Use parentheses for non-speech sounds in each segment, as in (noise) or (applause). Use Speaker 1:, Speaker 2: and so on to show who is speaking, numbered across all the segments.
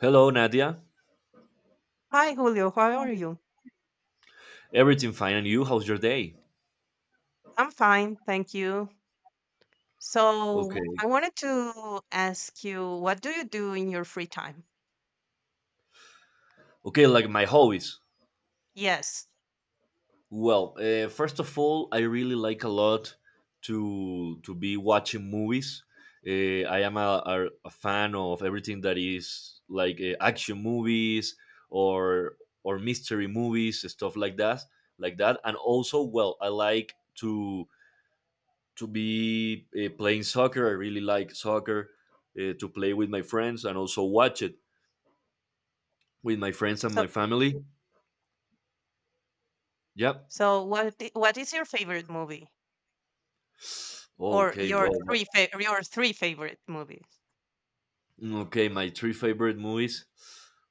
Speaker 1: Hello, Nadia.
Speaker 2: Hi, Julio. How are you?
Speaker 1: Everything fine, and you? How's your day?
Speaker 2: I'm fine, thank you.
Speaker 1: Okay.
Speaker 2: So, I wanted to ask you, what do you do in your free time?
Speaker 1: Okay, like my hobbies.
Speaker 2: Yes.
Speaker 1: Well, first of all, I really like a lot to be watching movies. I am a fan of everything that is like action movies or or mystery movies, stuff like that. And also, well, I like to be playing soccer. I really like soccer to play with my friends and also watch it with my friends and
Speaker 2: So,
Speaker 1: my family. Yep.
Speaker 2: so, what is your favorite movie or
Speaker 1: Okay,
Speaker 2: your
Speaker 1: well,
Speaker 2: your three favorite movies?
Speaker 1: okay, my three favorite movies.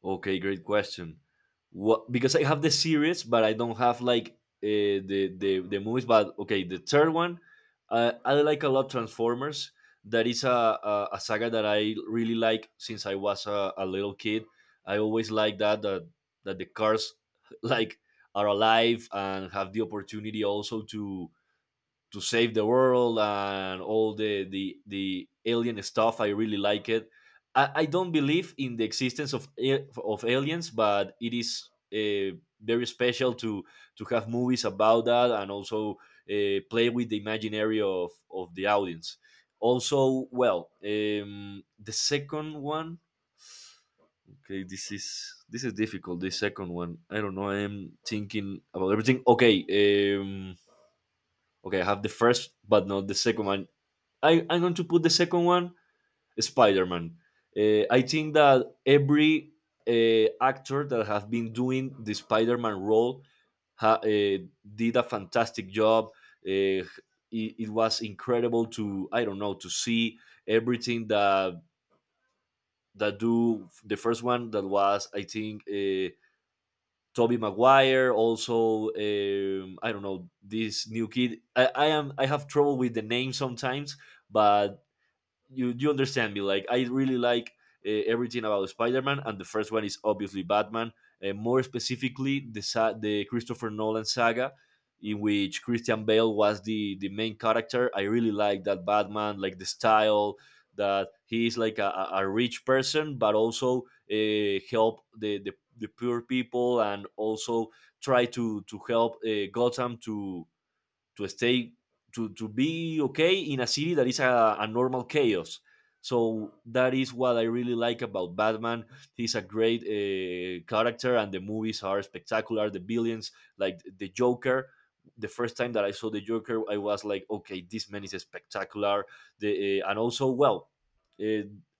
Speaker 1: Okay, great question. What, because I have the series, but I don't have like the the movies. But okay, the third one, I like a lot Transformers. That is a saga that I really like since I was a little kid. I always like that the cars (laughs) like are alive and have the opportunity also to save the world and all the alien stuff. I really like it. I don't believe in the existence of of aliens, but it is very special to have movies about that and also play with the imaginary of the audience. Also, well, the second one. Okay, this is difficult. The second one. I don't know. I am thinking about everything. Okay. Okay, I have the first, but not the second one. I'm going to put the second one, Spider-Man. I think that every actor that has been doing the Spider-Man role ha, uh, did a fantastic job. Uh, it was incredible to, I don't know, to see everything that do the first one, that was, I think, Toby Maguire, also I don't know, this new kid. I am, I have trouble with the name sometimes, but you understand me. Like, I really like everything about Spider-Man. And the first one is obviously Batman, more specifically the the Christopher Nolan saga, in which Christian Bale was the main character. I really like that Batman, like the style, that he is like a rich person but also help the poor people and also try to help Gotham to to stay be okay in a city that is a normal chaos. So that is what I really like about Batman. He's a great character, and the movies are spectacular. The villains, like the Joker. The first time that I saw the Joker, I was like, okay, this man is spectacular. The and also, well, uh,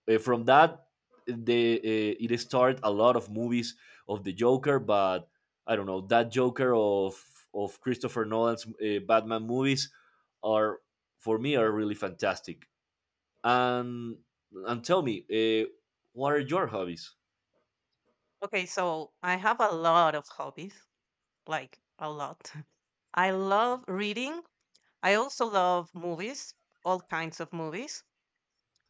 Speaker 1: from that, eh, the it started a lot of movies of the Joker. But I don't know, that Joker of Christopher Nolan's Batman movies are, for me, are really fantastic. And and tell me, uh, what are your hobbies?
Speaker 2: Okay, so I have a lot of hobbies, like a lot. (laughs) I love reading. I also love movies, all kinds of movies.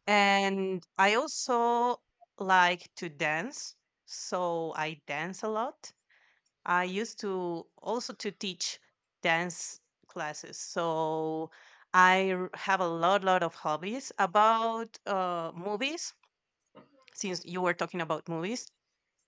Speaker 2: And I also like to dance, so I dance a lot. I used to also to teach dance classes, so I have a lot of hobbies about movies. Since you were talking about movies,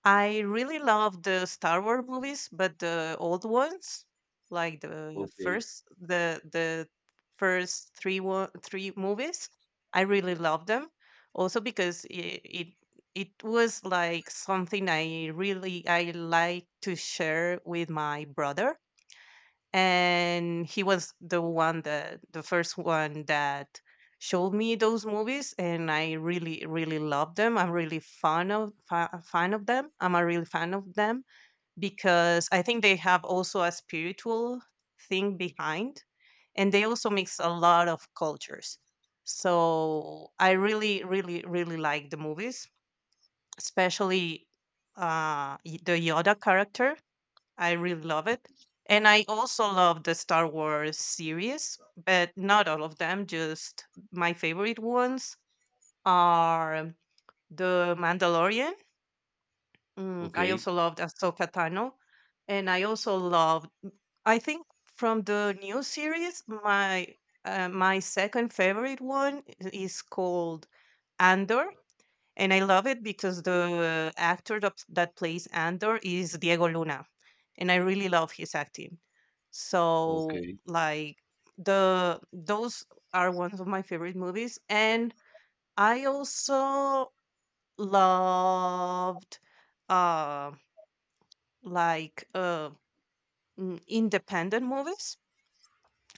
Speaker 2: I really love the Star Wars movies, but the old ones, like the
Speaker 1: Okay,
Speaker 2: first the the first 3 1, three movies, I really love them. Also because it it was like something I like to share with my brother and he was the one that the first one that showed me those movies, and I really really love them. I'm really fan of fan of them. I'm a real fan of them because I think they have also a spiritual thing behind, and they also mix a lot of cultures. So I really really really like the movies, especially the Yoda character. I really love it. And I also love the Star Wars series, but not all of them. Just my favorite ones are The Mandalorian. Mm, I
Speaker 1: okay,
Speaker 2: also loved Ahsoka Tano. And I also loved, mm, I think from the new series, my second favorite one is called Andor. And I love it because the actor that plays Andor is Diego Luna. And I really love his acting. So
Speaker 1: okay,
Speaker 2: like the those are one of my favorite movies. And I also loved uh like uh independent movies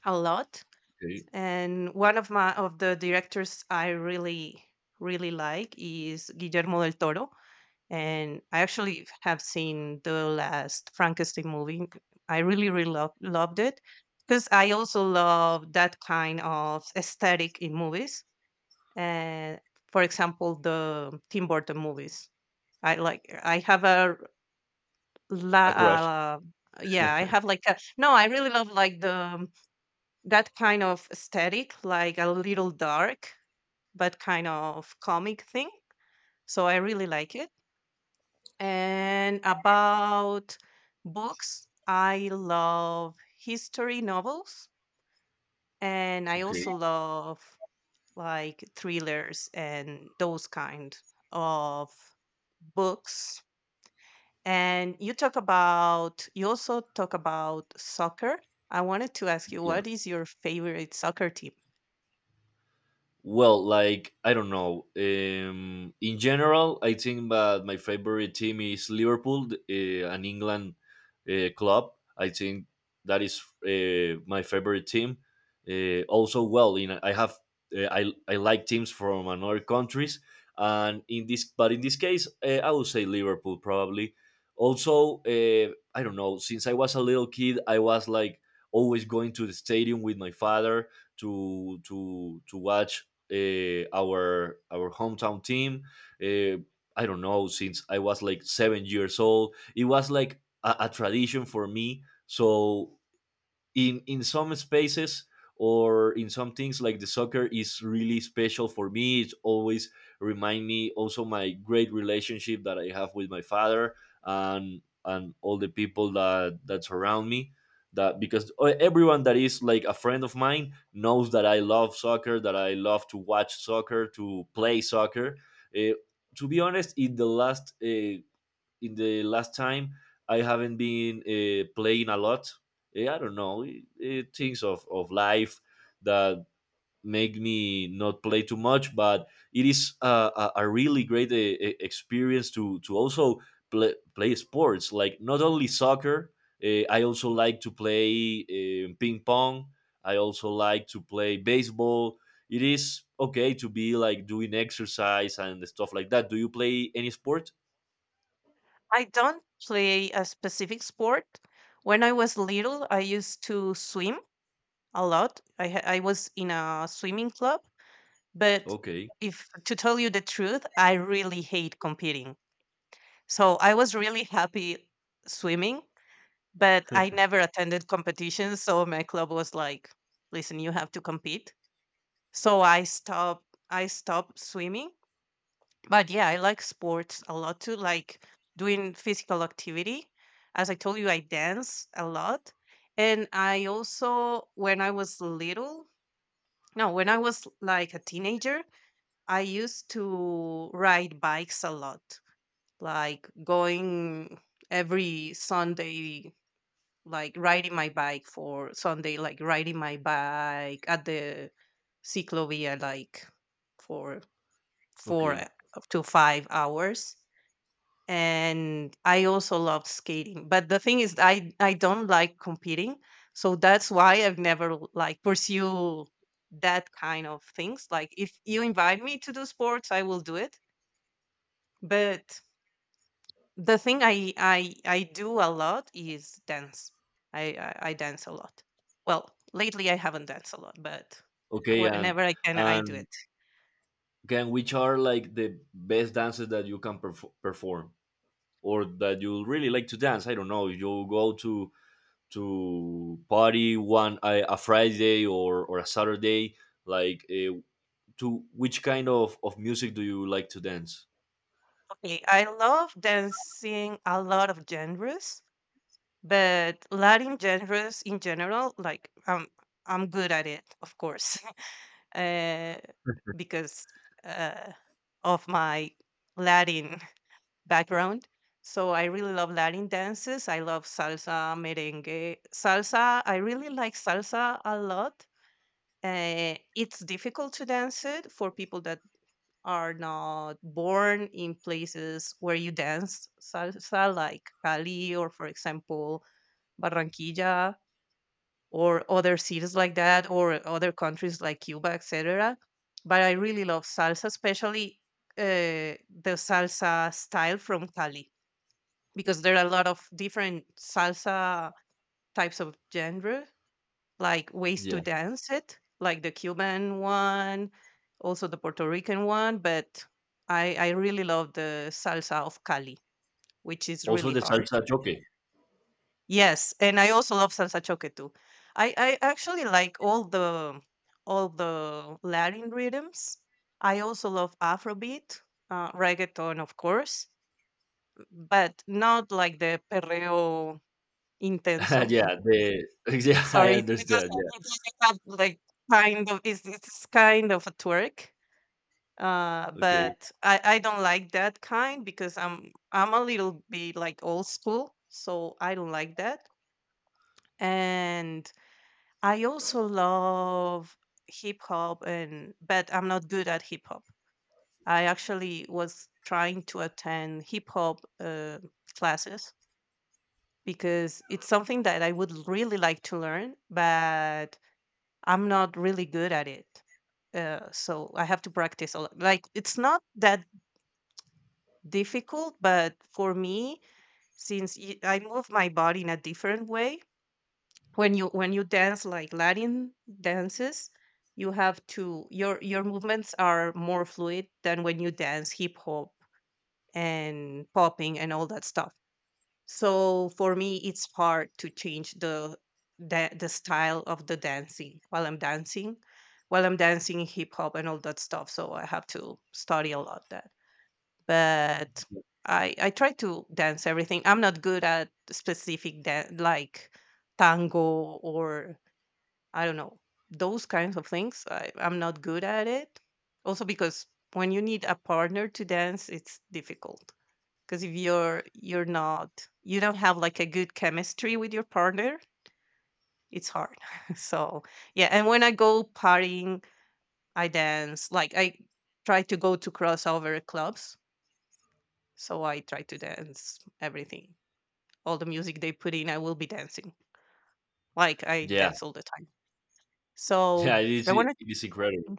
Speaker 2: a lot.
Speaker 1: okay.
Speaker 2: And one of my of the directors I really really like is Guillermo del Toro, and I actually have seen the last Frankenstein movie. I really, really loved it because I also love that kind of aesthetic in movies. And for example, the Tim Burton movies. I like. I have a la.
Speaker 1: A crush.
Speaker 2: Yeah, I have like a no. I really love like the that kind of aesthetic, like a little dark but kind of comic thing. So I really like it. And about books, I love history novels, and I
Speaker 1: Okay,
Speaker 2: also love like thrillers and those kind of books. And you talk about you also talk about soccer. I wanted to ask you,
Speaker 1: yeah.
Speaker 2: what is your favorite soccer team?
Speaker 1: Well, like, I don't know. In general, I think that my favorite team is Liverpool, an England club. I think that is my favorite team. Also, well, in I have I like teams from another countries, and in this but in this case, I would say Liverpool probably. Also, I don't know, since I was a little kid, I was like always going to the stadium with my father to watch our hometown team. Uh, I don't know, since I was like 7 years old. It was like a tradition for me. So, in some spaces or in some things like the soccer, is really special for me. It always remind me also my great relationship that I have with my father, and all the people that surround me. That, because everyone that is like a friend of mine knows that I love soccer, that I love to watch soccer, to play soccer. Eh, to be honest, in the last time I haven't been playing a lot. I don't know, things of life that make me not play too much. But it is a really great experience to also play, play sports, like not only soccer. I also like to play ping pong. I also like to play baseball. It is okay to be like doing exercise and stuff like that. Do you play any sport?
Speaker 2: I don't play a specific sport. When I was little, I used to swim a lot. I was in a swimming club. But
Speaker 1: Okay,
Speaker 2: if to tell you the truth, I really hate competing. So I was really happy swimming, but I never attended competitions. So my club was like, listen, you have to compete. So I stopped swimming. But yeah, I like sports a lot too, like doing physical activity. As I told you, I dance a lot. And I also, when I was little, no, when I was like a teenager, I used to ride bikes a lot, like going every Sunday, like riding my bike for Sunday, like riding my bike at the ciclovia, like for four
Speaker 1: okay.
Speaker 2: eh, up to 5 hours. And I also loved skating, but the thing is, I don't like competing, so that's why I've never like pursue that kind of things. Like if you invite me to do sports, I will do it, but the thing I do a lot is dance. I I dance a lot. Well, lately I haven't danced a lot, but
Speaker 1: Okay, and
Speaker 2: whenever I can, I do
Speaker 1: and
Speaker 2: it.
Speaker 1: can, which are like the best dances that you can perform or that you really like to dance? I don't know, you go to party one, a Friday or a Saturday. Like, to which kind of music do you like to dance?
Speaker 2: Okay, I love dancing a lot of genres, but Latin genres in general, like I'm good at it, of course, (laughs) uh, because uh, of my Latin background. So I really love Latin dances. I love salsa, merengue, salsa. I really like salsa a lot. It's difficult to dance it for people that are not born in places where you dance salsa, like Cali or, for example, Barranquilla, or other cities like that, or other countries like Cuba, etc. But I really love salsa, especially the salsa style from Cali because there are a lot of different salsa types of genre, like ways to
Speaker 1: Yeah.
Speaker 2: dance it, like the Cuban one, also the Puerto Rican one. But I really love the salsa of Cali, which is
Speaker 1: Also
Speaker 2: really
Speaker 1: the
Speaker 2: hard.
Speaker 1: salsa choque.
Speaker 2: Yes, and I also love salsa choque too. I actually like all the Latin rhythms. I also love Afrobeat, reggaeton, of course, but not like the perreo
Speaker 1: (laughs)
Speaker 2: intenso.
Speaker 1: Yeah. The, (laughs) yeah, I
Speaker 2: Sorry, it
Speaker 1: understand. Yeah.
Speaker 2: doesn't have like kind of it's kind of a twerk.
Speaker 1: Okay.
Speaker 2: But I don't like that kind because I'm a little bit like old school, so I don't like that. And I also love hip hop and but I'm not good at hip hop. I actually was trying to attend hip hop classes because it's something that I would really like to learn, but I'm not really good at it. So I have to practice a lot. Like it's not that difficult, but for me, since I move my body in a different way, when you dance like Latin dances, you have to your movements are more fluid than when you dance hip hop and popping and all that stuff. So for me, it's hard to change the style of the dancing while I'm dancing. While I'm dancing hip hop and all that stuff, so I have to study a lot that. But I try to dance everything. I'm not good at specific dan like tango or I don't know those kinds of things. I'm not good at it. Also because when you need a partner to dance, it's difficult because if you're not you don't have like a good chemistry with your partner, it's hard. (laughs) So yeah, and when I go partying, I dance like I try to go to crossover clubs, so I try to dance everything. All the music they put in, I will be dancing, like I
Speaker 1: Yeah. (laughs)
Speaker 2: dance all the time. So
Speaker 1: Yeah. It is,
Speaker 2: I want
Speaker 1: it
Speaker 2: to
Speaker 1: is incredible.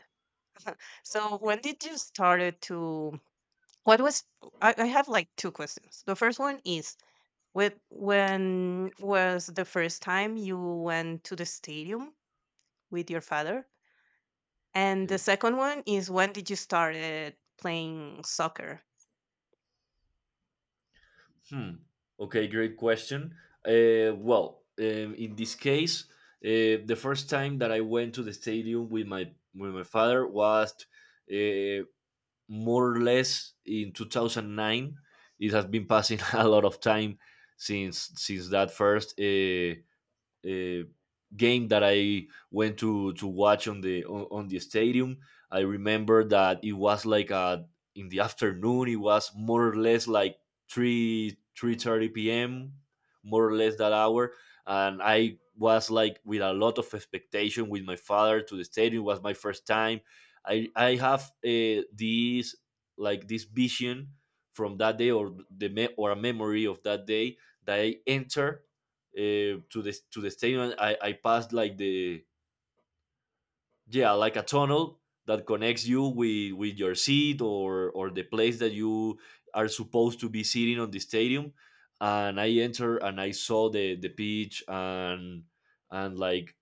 Speaker 2: so when did you started to what was I have like two questions. The first one is with when was the first time you went to the stadium with your father? And the
Speaker 1: Okay.
Speaker 2: second one is, when did you started playing soccer?
Speaker 1: Hmm. Okay, great question. Well, in this case, the first time that I went to the stadium with my father was uh, more or less in 2009. It has been passing (laughs) a lot of time since that first uh, game that I went to watch on the stadium. I remember that it was like in the afternoon. It was more or less like three thirty p.m., more or less that hour, and I was like with a lot of expectation, with my father, to the stadium. It was my first time. I have this like this vision from that day, or a memory of that day, that I enter to the stadium. I passed like the, yeah, like a tunnel that connects you with your seat or the place that you are supposed to be sitting on the stadium. And I enter and I saw the pitch and like,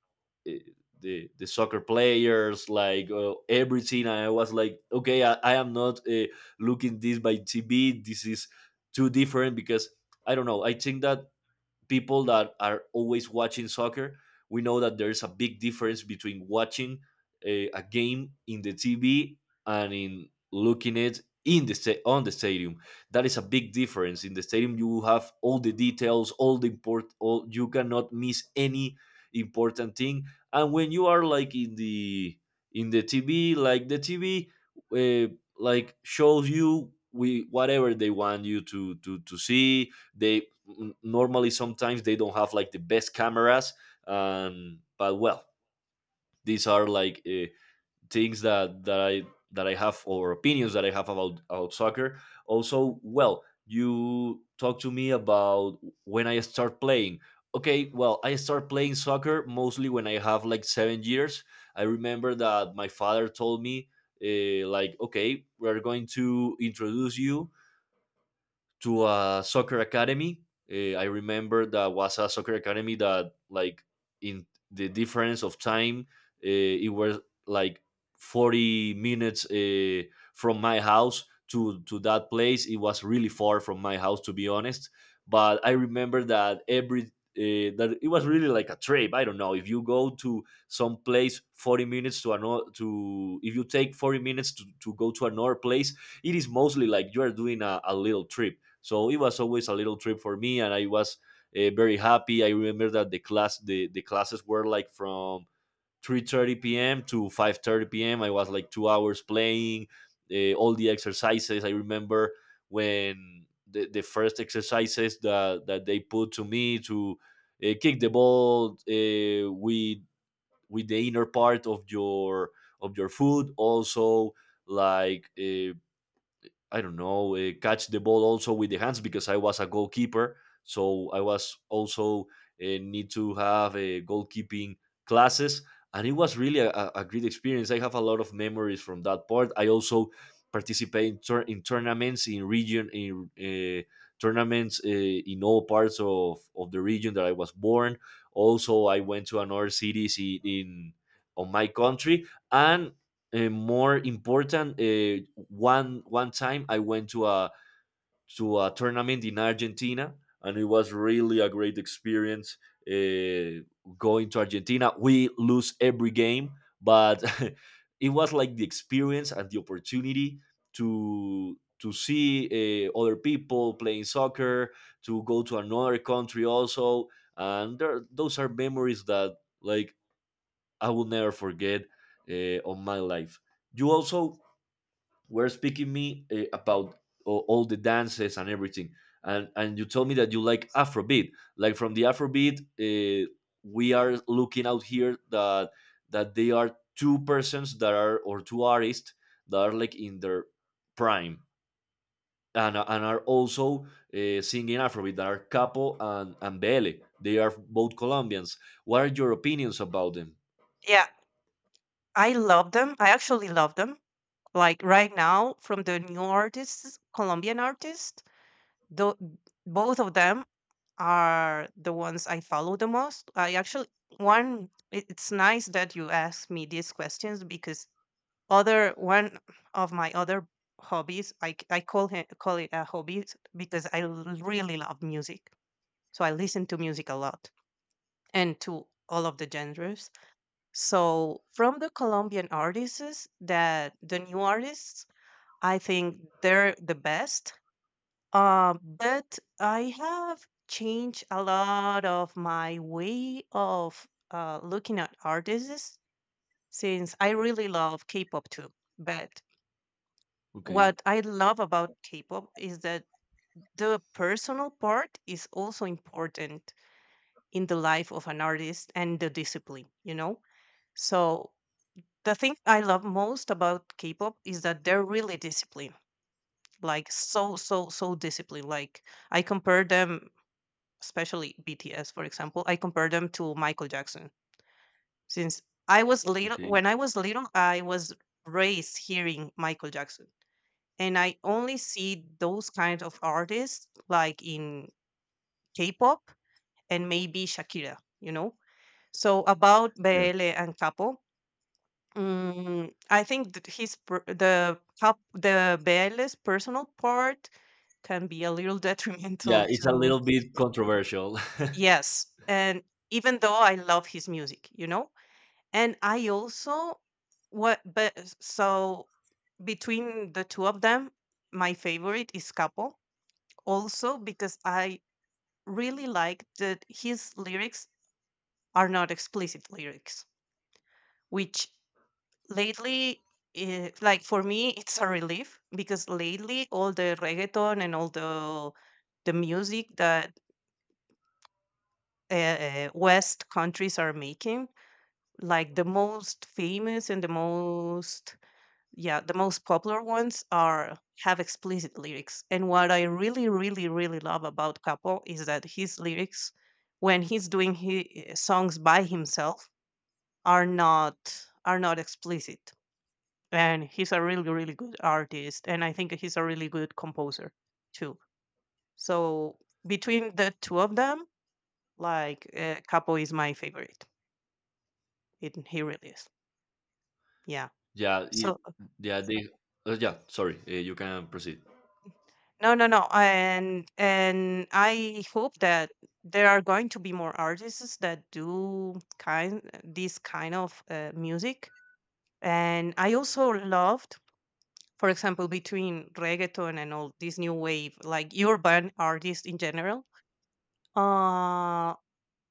Speaker 1: eh, the soccer players, like, everything. And I was like, okay, I am not looking this by TV. This is too different because I don't know. I think that people that are always watching soccer, we know that there's a big difference between watching a game in the TV and in looking it in the sta- on the stadium. That is a big difference. In the stadium, you have all the details, all the import, all, you cannot miss any important thing. And when you are like in the TV, like the TV, like shows you we whatever they want you to see. They normally, sometimes they don't have like the best cameras, but well, these are like things that I have, or opinions that I have about soccer also, well, you talk to me about when I start playing. Okay, well, I start playing soccer mostly when I have like 7 years. I remember that my father told me, like, okay, we're going to introduce you to a soccer academy. I remember that was a soccer academy that, like, in the difference of time, it was like 40 minutes from my house to, that place. It was really far from my house, to be honest. But I remember that every, that it was really like a trip. I don't know, if you go to some place 40 minutes to another to if you take 40 minutes to, go to another place, it is mostly like you are doing a little trip. So it was always a little trip for me, and I was very happy. I remember that the class, the classes were like from 3:30 p.m. to 5:30 p.m. I was like 2 hours playing all the exercises. I remember when the first exercises that, that they put to me to kick the ball with the inner part of your foot, also like, I don't know, catch the ball also with the hands, because I was a goalkeeper. So I was also need to have a goalkeeping classes, and it was really a great experience. I have a lot of memories from that part. I also participate in, in tournaments in region, in tournaments in all parts of, the region that I was born. Also, I went to another cities in on my country, and more important, one time I went to a tournament in Argentina, and it was really a great experience. uh, Going to Argentina, we lose every game, but (laughs) it was like the experience and the opportunity to see other people playing soccer, to go to another country also. And there, those are memories that like I will never forget, of my life. You also were speaking me about all the dances and everything, and you told me that you like Afrobeat. Like from the Afrobeat, we are looking out here that they are two persons that are, or two artists that are like in their prime, and are also singing Afrobeat. That are Capo and Bele. They are both Colombians. What are your opinions about them?
Speaker 2: Yeah, I love them. I actually love them. Like right now, from the new artists, Colombian artists, though both of them are the ones I follow the most. I actually one. It's nice that you ask me these questions because other one of my other hobbies I call it a hobby because I really love music, so I listen to music a lot, and to all of the genres. So from the Colombian artists, that the new artists, I think they're the best. But I have changed a lot of my way of looking at artists since I really love K-pop too. But
Speaker 1: Okay.
Speaker 2: what I love about K-pop is that the personal part is also important in the life of an artist and the discipline, you know? So the thing I love most about K-pop is that they're really disciplined, like so, so, so disciplined. Like I compare them, especially BTS, for example, I compare them to Michael Jackson. Since I was little,
Speaker 1: Okay.
Speaker 2: When I was little, I was raised hearing Michael Jackson. And I only see those kind of artists like in K-pop, and maybe Shakira, you know. So about
Speaker 1: Yeah.
Speaker 2: Bele and Capo, mm, I think that the Bele's personal part can be a little (laughs)
Speaker 1: Yeah,
Speaker 2: detrimental
Speaker 1: it's a
Speaker 2: to
Speaker 1: little bit controversial. (laughs)
Speaker 2: yes, and even though I love his music, you know, and I also what but so between the two of them, my favorite is Capo, also because I really like that his lyrics are not explicit lyrics, which lately, eh, like for me, it's a relief because lately all the reggaeton and all the music that West countries are making, like the most famous and the most Yeah, the most popular ones are have explicit lyrics. And what I really, really, really love about Capo is that his lyrics, when he's doing his songs by himself, are not are not explicit. And he's a really, really good artist, and I think he's a really good composer too. So between the two of them, like Capo is my favorite. It he really is. Yeah.
Speaker 1: Yeah,
Speaker 2: So
Speaker 1: yeah, they, yeah. Sorry, you can proceed.
Speaker 2: no, no, no. And I hope that there are going to be more artists that do kind this kind of music. And I also loved, for example, between reggaeton and all this new wave, like urban artists in general. Uh,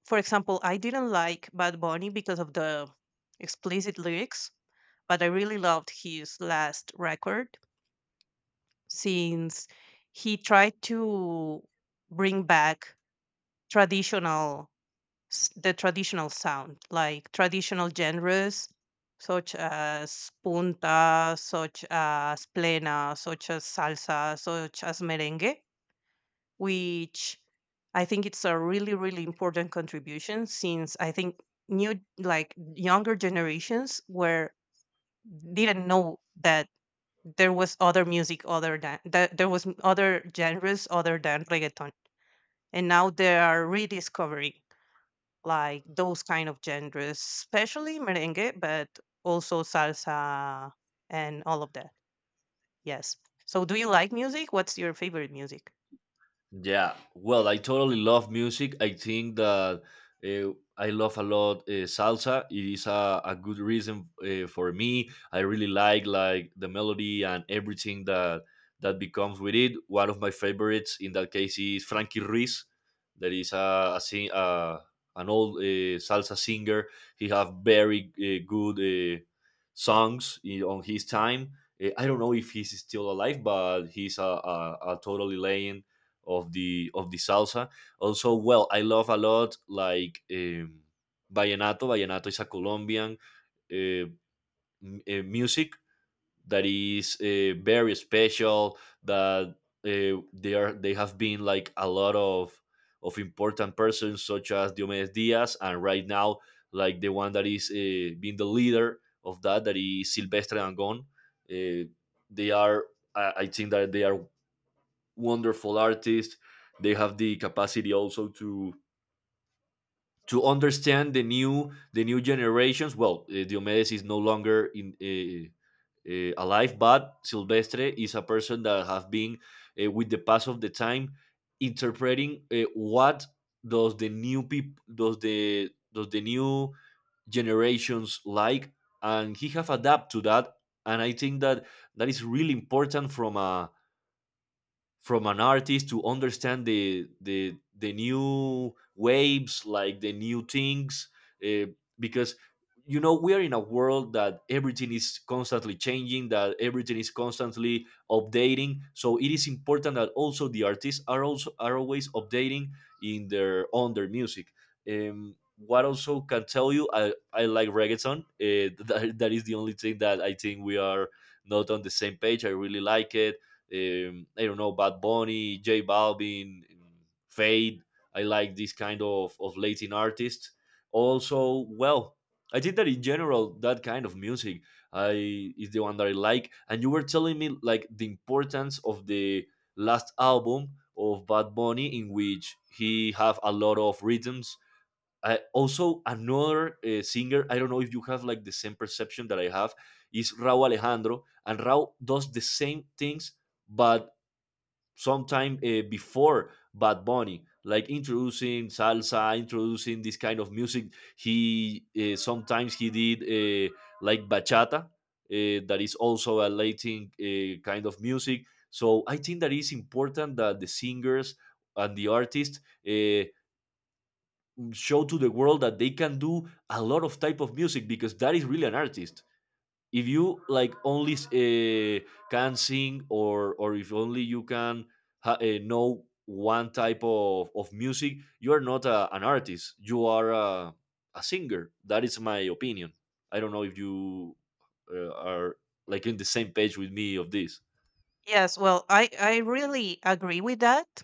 Speaker 2: for example, I didn't like Bad Bunny because of the explicit lyrics, but I really loved his last record since he tried to bring back traditional the traditional sound, like traditional genres such as punta, such as plena, such as salsa, such as merengue, which I think it's a really, really important contribution, since I think new, like younger generations, were didn't know that there was other music other than that, there was other genres other than reggaeton. And now they are rediscovering like those kind of genres, especially merengue, but also salsa and all of that. Yes. So do you like music? What's your favorite music?
Speaker 1: Yeah, well, I totally love music. I think that, I love a lot, salsa. It is a good reason, for me. I really like, the melody and everything that becomes with it. One of my favorites in that case is Frankie Ruiz. That is an old, salsa singer. He have very, good, songs on his time. I don't know if he's still alive, but he's a totally legend of the salsa. Also, well, I love a lot, like, vallenato. Vallenato is a Colombian, uh, music that is, very special. That they have been like a lot of important persons such as Diomedes Diaz, and right now, like, the one that is, being the leader of that is Silvestre Dangond. Uh, they are I think that they are wonderful artists. They have the capacity also to understand the new generations. Well, Diomedes is no longer in alive, but Silvestre is a person that has been, with the pass of the time, interpreting, what does the new generations like, and he have adapt to that. And I think that is really important from a from an artist, to understand the new waves, like the new things. uh, because, you know, we are in a world that everything is constantly changing, that everything is constantly updating, so it is important that also the artists are also are always updating in their on their music. What also can tell you, I like reggaeton, (laughs) that, is the only thing that I think we are not on the same page. I really like it. I don't know, Bad Bunny, J Balvin, Fade. I like this kind of Latin artists. Also, well, I think that in general, that kind of music I is the one that I like. And you were telling me like the importance of the last album of Bad Bunny, in which he have a lot of rhythms. Also, another, singer, I don't know if you have like the same perception that I have, is Raúl Alejandro. And Raúl does the same things, but sometime, before Bad Bunny, like introducing salsa, introducing this kind of music. He Sometimes he did, like bachata, that is also a Latin, kind of music. So I think that is important that the singers and the artists, Uh, show to the world that they can do a lot of type of music, because that is really an artist. If you like only, can sing, or if only you can know one type of music, you are not an artist, you are a singer. That is my opinion. I don't know if you, are like in the same page with me of this.
Speaker 2: Yes, well, I really agree with that.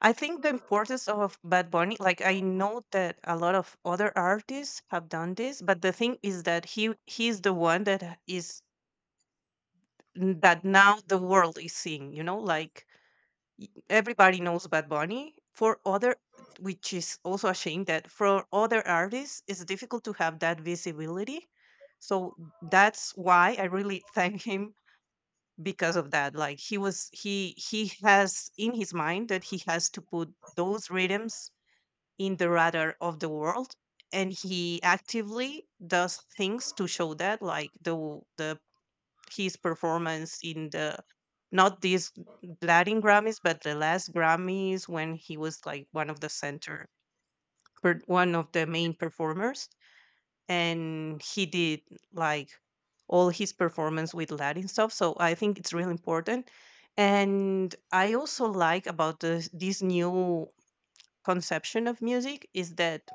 Speaker 2: I think the importance of Bad Bunny, like, I know that a lot of other artists have done this, but the thing is that he's the one that is, that now the world is seeing, you know, like everybody knows Bad Bunny. For other, which is also a shame that for other artists, it's difficult to have that visibility. So that's why I really (laughs) thank him because of that. Like, he he has in his mind that he has to put those rhythms in the radar of the world, and he actively does things to show that, like the his performance in the, not these Latin Grammys, but the last Grammys, when he was like one of the center, one of the main performers, and he did like all his performance with Latin stuff. So I think it's really important. And I also like about this new conception of music is that,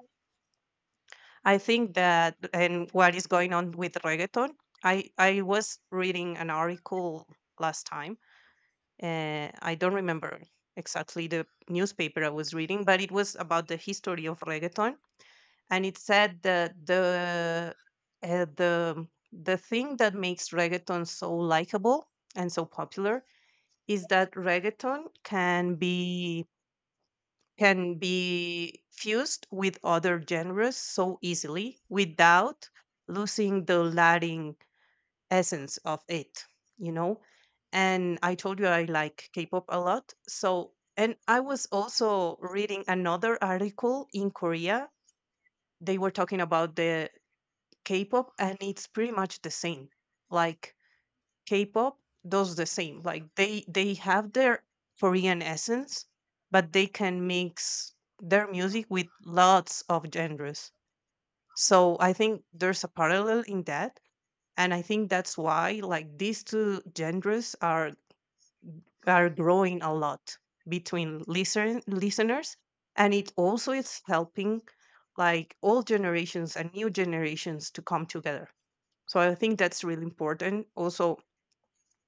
Speaker 2: I think that, and what is going on with reggaeton. I was reading an article last time. I don't remember exactly the newspaper I was reading, but it was about the history of reggaeton, and it said that the the thing that makes reggaeton so likable and so popular is that reggaeton can be, can be fused with other genres so easily without losing the Latin essence of it, you know? And I told you I like K pop a lot. So, and I was also reading another article in Korea. They were talking about the K pop, and it's pretty much the same. Like, K pop does the same. Like, they have their Korean essence, but they can mix their music with lots of genres. So I think there's a parallel in that, and I think that's why, like, these two genres are growing a lot between listeners, and it also is helping like old generations and new generations to come together. So I think that's really important also.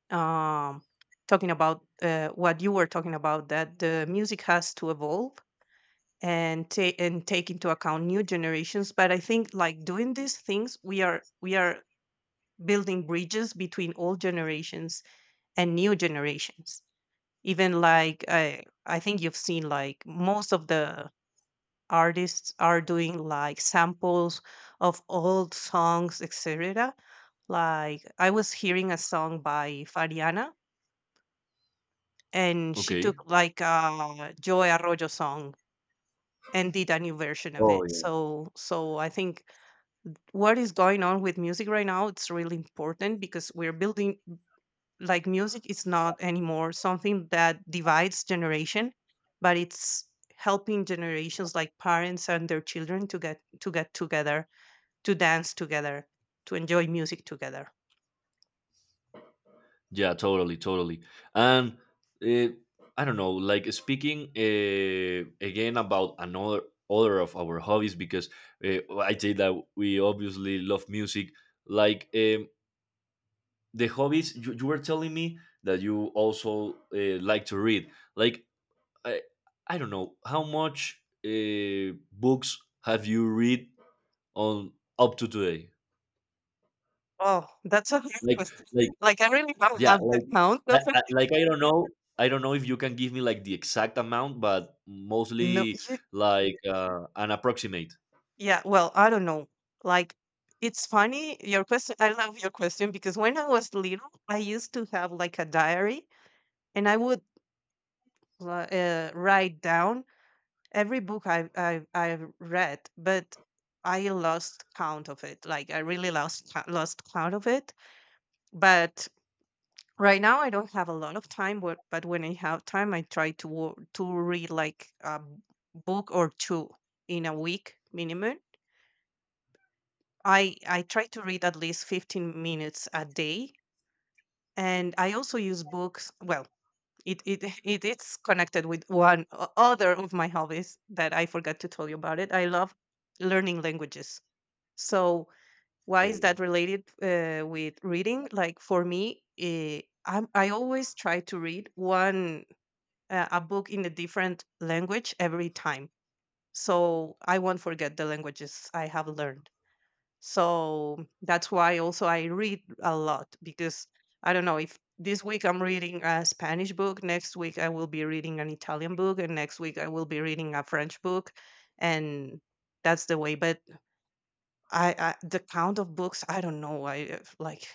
Speaker 2: um Talking about what you were talking about, that the music has to evolve and take into account new generations. But I think like doing these things, we are building bridges between all generations and new generations. Even like, I think you've seen like most of the artists are doing like samples of old songs, etc. Like, I was hearing a song by Fariana, and she took
Speaker 1: Okay.
Speaker 2: like a Joy Arroyo song and did a new version of
Speaker 1: Oh.
Speaker 2: it. So, so I think what is going on with music right now, it's really important, because we're building, like music is not anymore something that divides generation, but it's helping generations like parents and their children to get together, to dance together, to enjoy music together.
Speaker 1: Yeah, totally, totally. And, uh, I don't know, like speaking, again, about another other of our hobbies, because, I say that we obviously love music. Like, the hobbies, you were telling me that you also, like to read. Like I, I don't know how much, books have you read on up to today.
Speaker 2: Oh, that's a (laughs) hard
Speaker 1: Like
Speaker 2: question.
Speaker 1: like,
Speaker 2: Like, I really don't
Speaker 1: yeah,
Speaker 2: have the
Speaker 1: like
Speaker 2: count of it.
Speaker 1: like I don't know if you can give me like the exact amount, but
Speaker 2: No
Speaker 1: mostly,
Speaker 2: you,
Speaker 1: like, an approximate.
Speaker 2: Yeah, well, I don't know. Like, it's funny, your question. I love your question, because when I was little, I used to have like a diary, and I would write down every book I read, but I lost count of it. Like, I really lost, lost count of it. But right now, I don't have a lot of time, but when I have time, I try to, to read like a book or two in a week minimum. I try to read at least 15 minutes a day, and I also use books, well, it (laughs) it is connected with one other of my hobbies that I forgot to tell you about it. I love learning languages. So, why is
Speaker 1: Oh.
Speaker 2: that related with reading? Like, for me, I always try to read one a book in a different language every time, so I won't forget the languages I have learned. So that's why also I read a lot, because, I don't know, if this week I'm reading a Spanish book, next week I will be reading an Italian book, and next week I will be reading a French book, and that's the way. But I the count of books, I don't know. I like,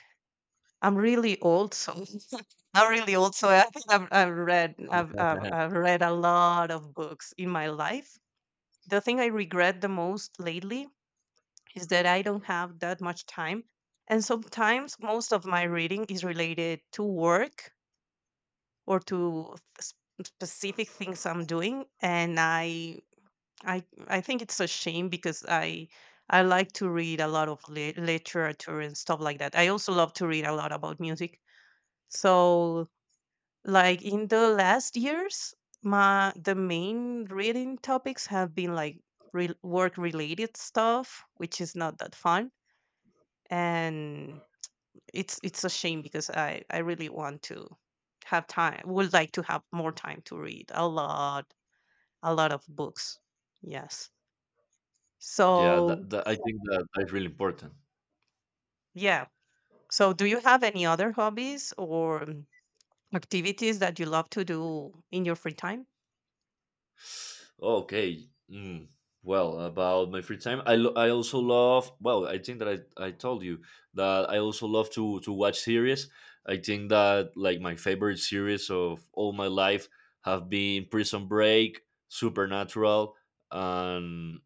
Speaker 2: I'm really old, so (laughs) I'm really old, so I think I've I've
Speaker 1: (laughs)
Speaker 2: read a lot of books in my life. The thing I regret the most lately is that I don't have that much time. And sometimes most of my reading is related to work or to specific things I'm doing. And I think it's a shame because I like to read a lot of literature and stuff like that. I also love to read a lot about music. So, like in the last years, my the main reading topics have been like work related stuff, which is not that fun. And it's a shame because I really want to have time. Would like to have more time to read a lot, a lot of books. Yes.
Speaker 1: Yeah, that,
Speaker 2: So,
Speaker 1: I think that that is really important.
Speaker 2: yeah. So do you have any other hobbies or activities that you love to do in your free time?
Speaker 1: Okay. Mm. Well, about my free time, I also love. Well, I think that I told you that I also love to watch series. I think that like my favorite series of all my life have been Prison Break, Supernatural, and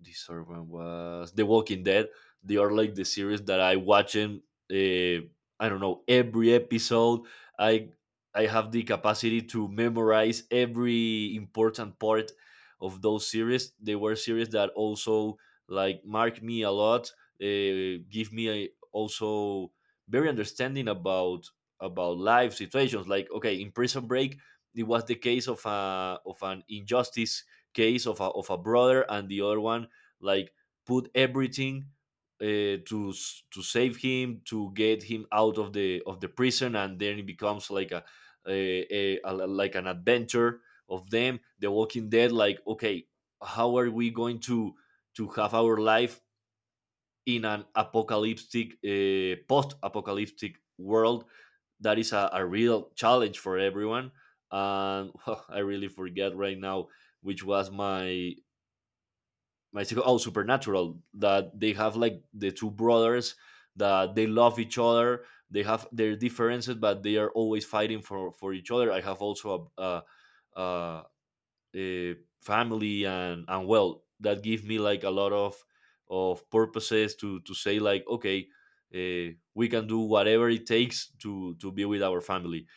Speaker 1: the third one was The Walking Dead. They are like the series that I watching. Uh, I don't know every episode. I I have the capacity to memorize every important part of those series. They were series that also like mark me a lot. Give me also very understanding about life situations. Like, okay, in Prison Break, it was the case of a of an injustice, case of a brother, and the other one like put everything, to save him, to get him out of the prison, and then it becomes like a like an adventure of them. The Walking Dead, like, okay, how are we going to have our life in an apocalyptic post-apocalyptic world, that is a real challenge for everyone. And (laughs) I really forget right now which was my, I think, oh, Supernatural, that they have like the two brothers that they love each other. They have their differences, but they are always fighting for each other. I have also a uh, family and wealth that give me like a lot of purposes to say, like, okay, we can do whatever it takes to be with our family.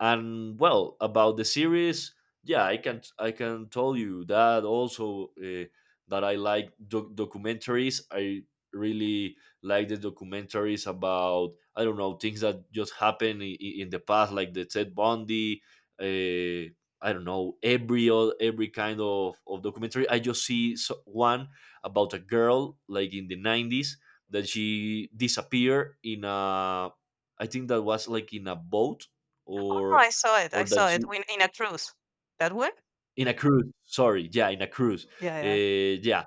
Speaker 1: And, well, about the series, yeah, I can tell you that also, that I like documentaries. I really like the documentaries about, I don't know, things that just happen in the past, like the Ted Bundy. uh, I don't know every kind of documentary. I just see one about a girl like in the 90s that she disappeared in a I think that was like in a boat,
Speaker 2: Oh,
Speaker 1: or
Speaker 2: I saw it.
Speaker 1: or
Speaker 2: I
Speaker 1: that
Speaker 2: saw
Speaker 1: she
Speaker 2: it when, in a cruise. That one?
Speaker 1: in a cruise. Sorry, yeah, in a cruise.
Speaker 2: Yeah, yeah,
Speaker 1: Uh, yeah,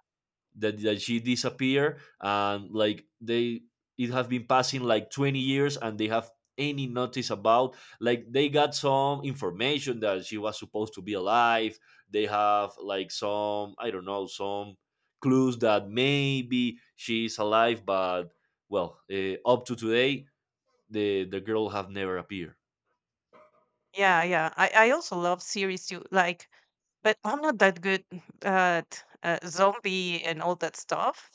Speaker 1: that, she disappeared, and like they, it has been passing like 20 years, and they have any notice about, like, they got some information that she was supposed to be alive. They have like some, I don't know, some clues that maybe she's alive, but, well, up to today, the girl have never appeared.
Speaker 2: yeah, yeah. I also love series too. Like, but I'm not that good at zombie and all that stuff.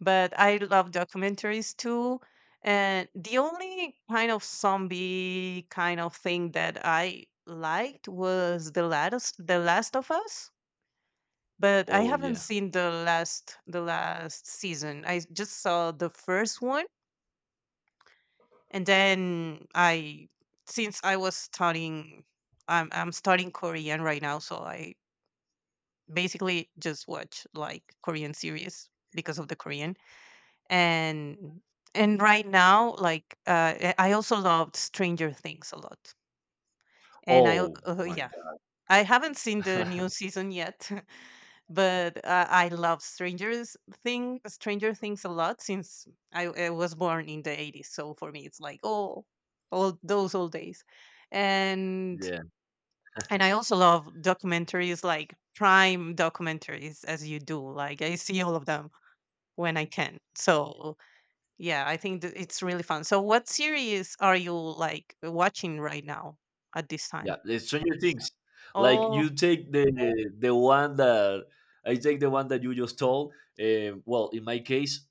Speaker 2: But I love documentaries too. And the only kind of zombie kind of thing that I liked was The Last of Us. But I
Speaker 1: Oh,
Speaker 2: haven't
Speaker 1: yeah.
Speaker 2: seen the last season. I just saw the first one, and then I, since I was studying, I'm studying Korean right now, so I basically just watch like Korean series because of the Korean. and and right now, like I also loved Stranger Things a lot. And I,
Speaker 1: Oh my
Speaker 2: yeah, I haven't seen the new
Speaker 1: god.
Speaker 2: season yet. (laughs) But I love Stranger Things a lot since I was born in the 80s. So for me, it's like, oh, all those old days. and
Speaker 1: (laughs) Yeah.
Speaker 2: and I also love documentaries, like prime documentaries, as you do. Like, I see all of them when I can. So yeah, I think that it's really fun. So what series are you like watching right now at this
Speaker 1: Yeah,
Speaker 2: time?
Speaker 1: the Stranger Things. Like you
Speaker 2: Oh.
Speaker 1: take the one that, I take the one that you just told. Well, in my case,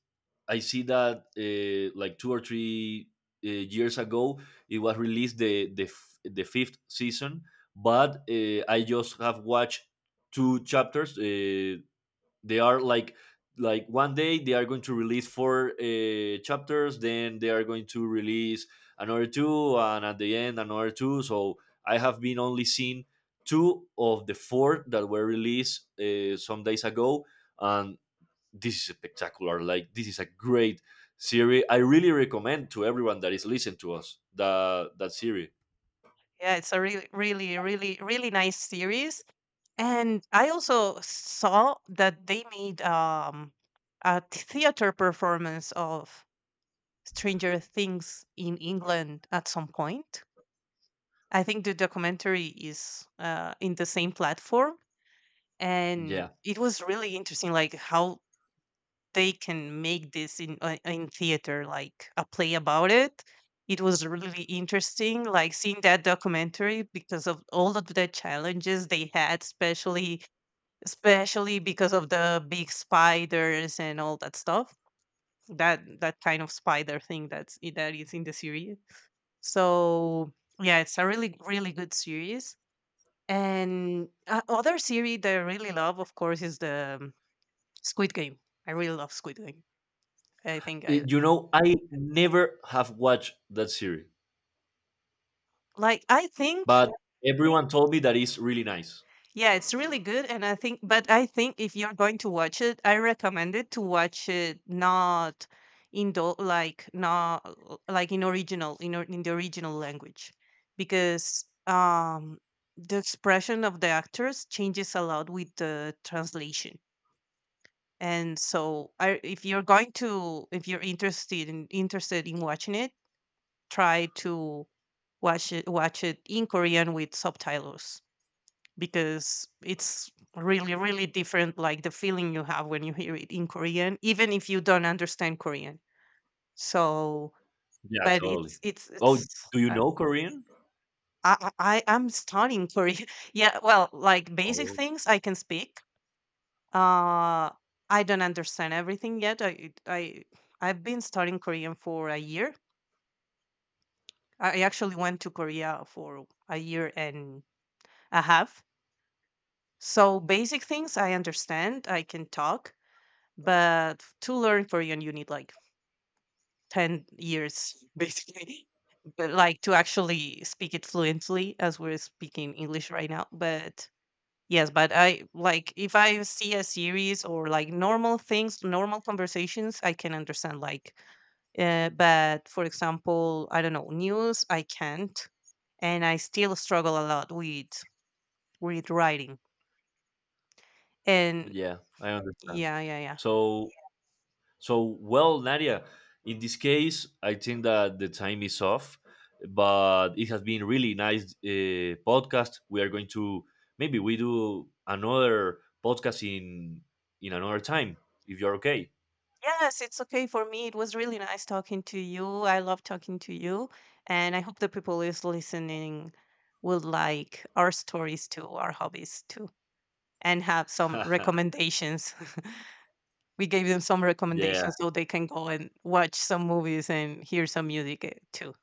Speaker 1: I see that, like 2 or 3, years ago, it was released the fifth season, but, I just have watched two chapters. They are like, one day they are going to release four, chapters, then they are going to release another two, and at the end another two. So I have been only seen two of the four that were released, some days ago. And this is spectacular, like, this is a great series. I really recommend to everyone that is listening to us that that series.
Speaker 2: Yeah, it's a really, really, really, really nice series. And I also saw that they made a theater performance of Stranger Things in England at some point. I think the documentary is in the same platform, and
Speaker 1: Yeah.
Speaker 2: it was really interesting, like how they can make this in theater, like a play about it. It was really interesting, like seeing that documentary because of all of the challenges they had, especially, especially because of the big spiders and all that stuff, that that kind of spider thing that is in the series. So yeah, it's a really, really good series. And other series that I really love, of course, is the Squid Game. I really love Squid Game. i think i
Speaker 1: You know, I never have watched that series,
Speaker 2: like i think
Speaker 1: but everyone told me that it's really nice.
Speaker 2: Yeah, it's really good, and I think, but I think if you're going to watch it, I recommend it to watch it not in the, like, not in the original language, because the expression of the actors changes a lot with the translation. And so, I, if you're going to, if you're interested in, interested in watching it, try to watch it in Korean with subtitles, because it's really, really different, like the feeling you have when you hear it in Korean, even if you don't understand Korean. So
Speaker 1: Yeah,
Speaker 2: but
Speaker 1: totally. Oh,
Speaker 2: it's
Speaker 1: do you know Korean?
Speaker 2: I am studying Korean. (laughs) Yeah, well, like basic
Speaker 1: Oh,
Speaker 2: things I can speak. uh I don't understand everything yet. I I've been studying Korean for a year. I actually went to Korea for a year and a half. So basic things I understand, I can talk, but to learn Korean, you need like 10 years (laughs) basically, but like, to actually speak it fluently as we're speaking English right now. But yes, but I like, if I see a series or like normal things, normal conversations, I can understand, like, but for example, I don't know, news, I can't. And I still struggle a lot with writing. And
Speaker 1: yeah, I understand.
Speaker 2: yeah, yeah, yeah.
Speaker 1: So, well, Nadia. In this case, I think that the time is off, but it has been really nice, podcast. We are going to Maybe we do another podcast in another time, if you're okay.
Speaker 2: Yes, it's okay for me. It was really nice talking to you. I love talking to you. And I hope the people who's listening will like our stories too, our hobbies too, and have some
Speaker 1: (laughs)
Speaker 2: recommendations. (laughs) We gave them some
Speaker 1: Yeah,
Speaker 2: recommendations so they can go and watch some movies and hear some music, too.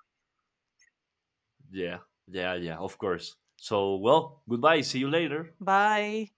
Speaker 1: yeah, yeah, yeah. Of course. So, well, goodbye. See you later.
Speaker 2: Bye.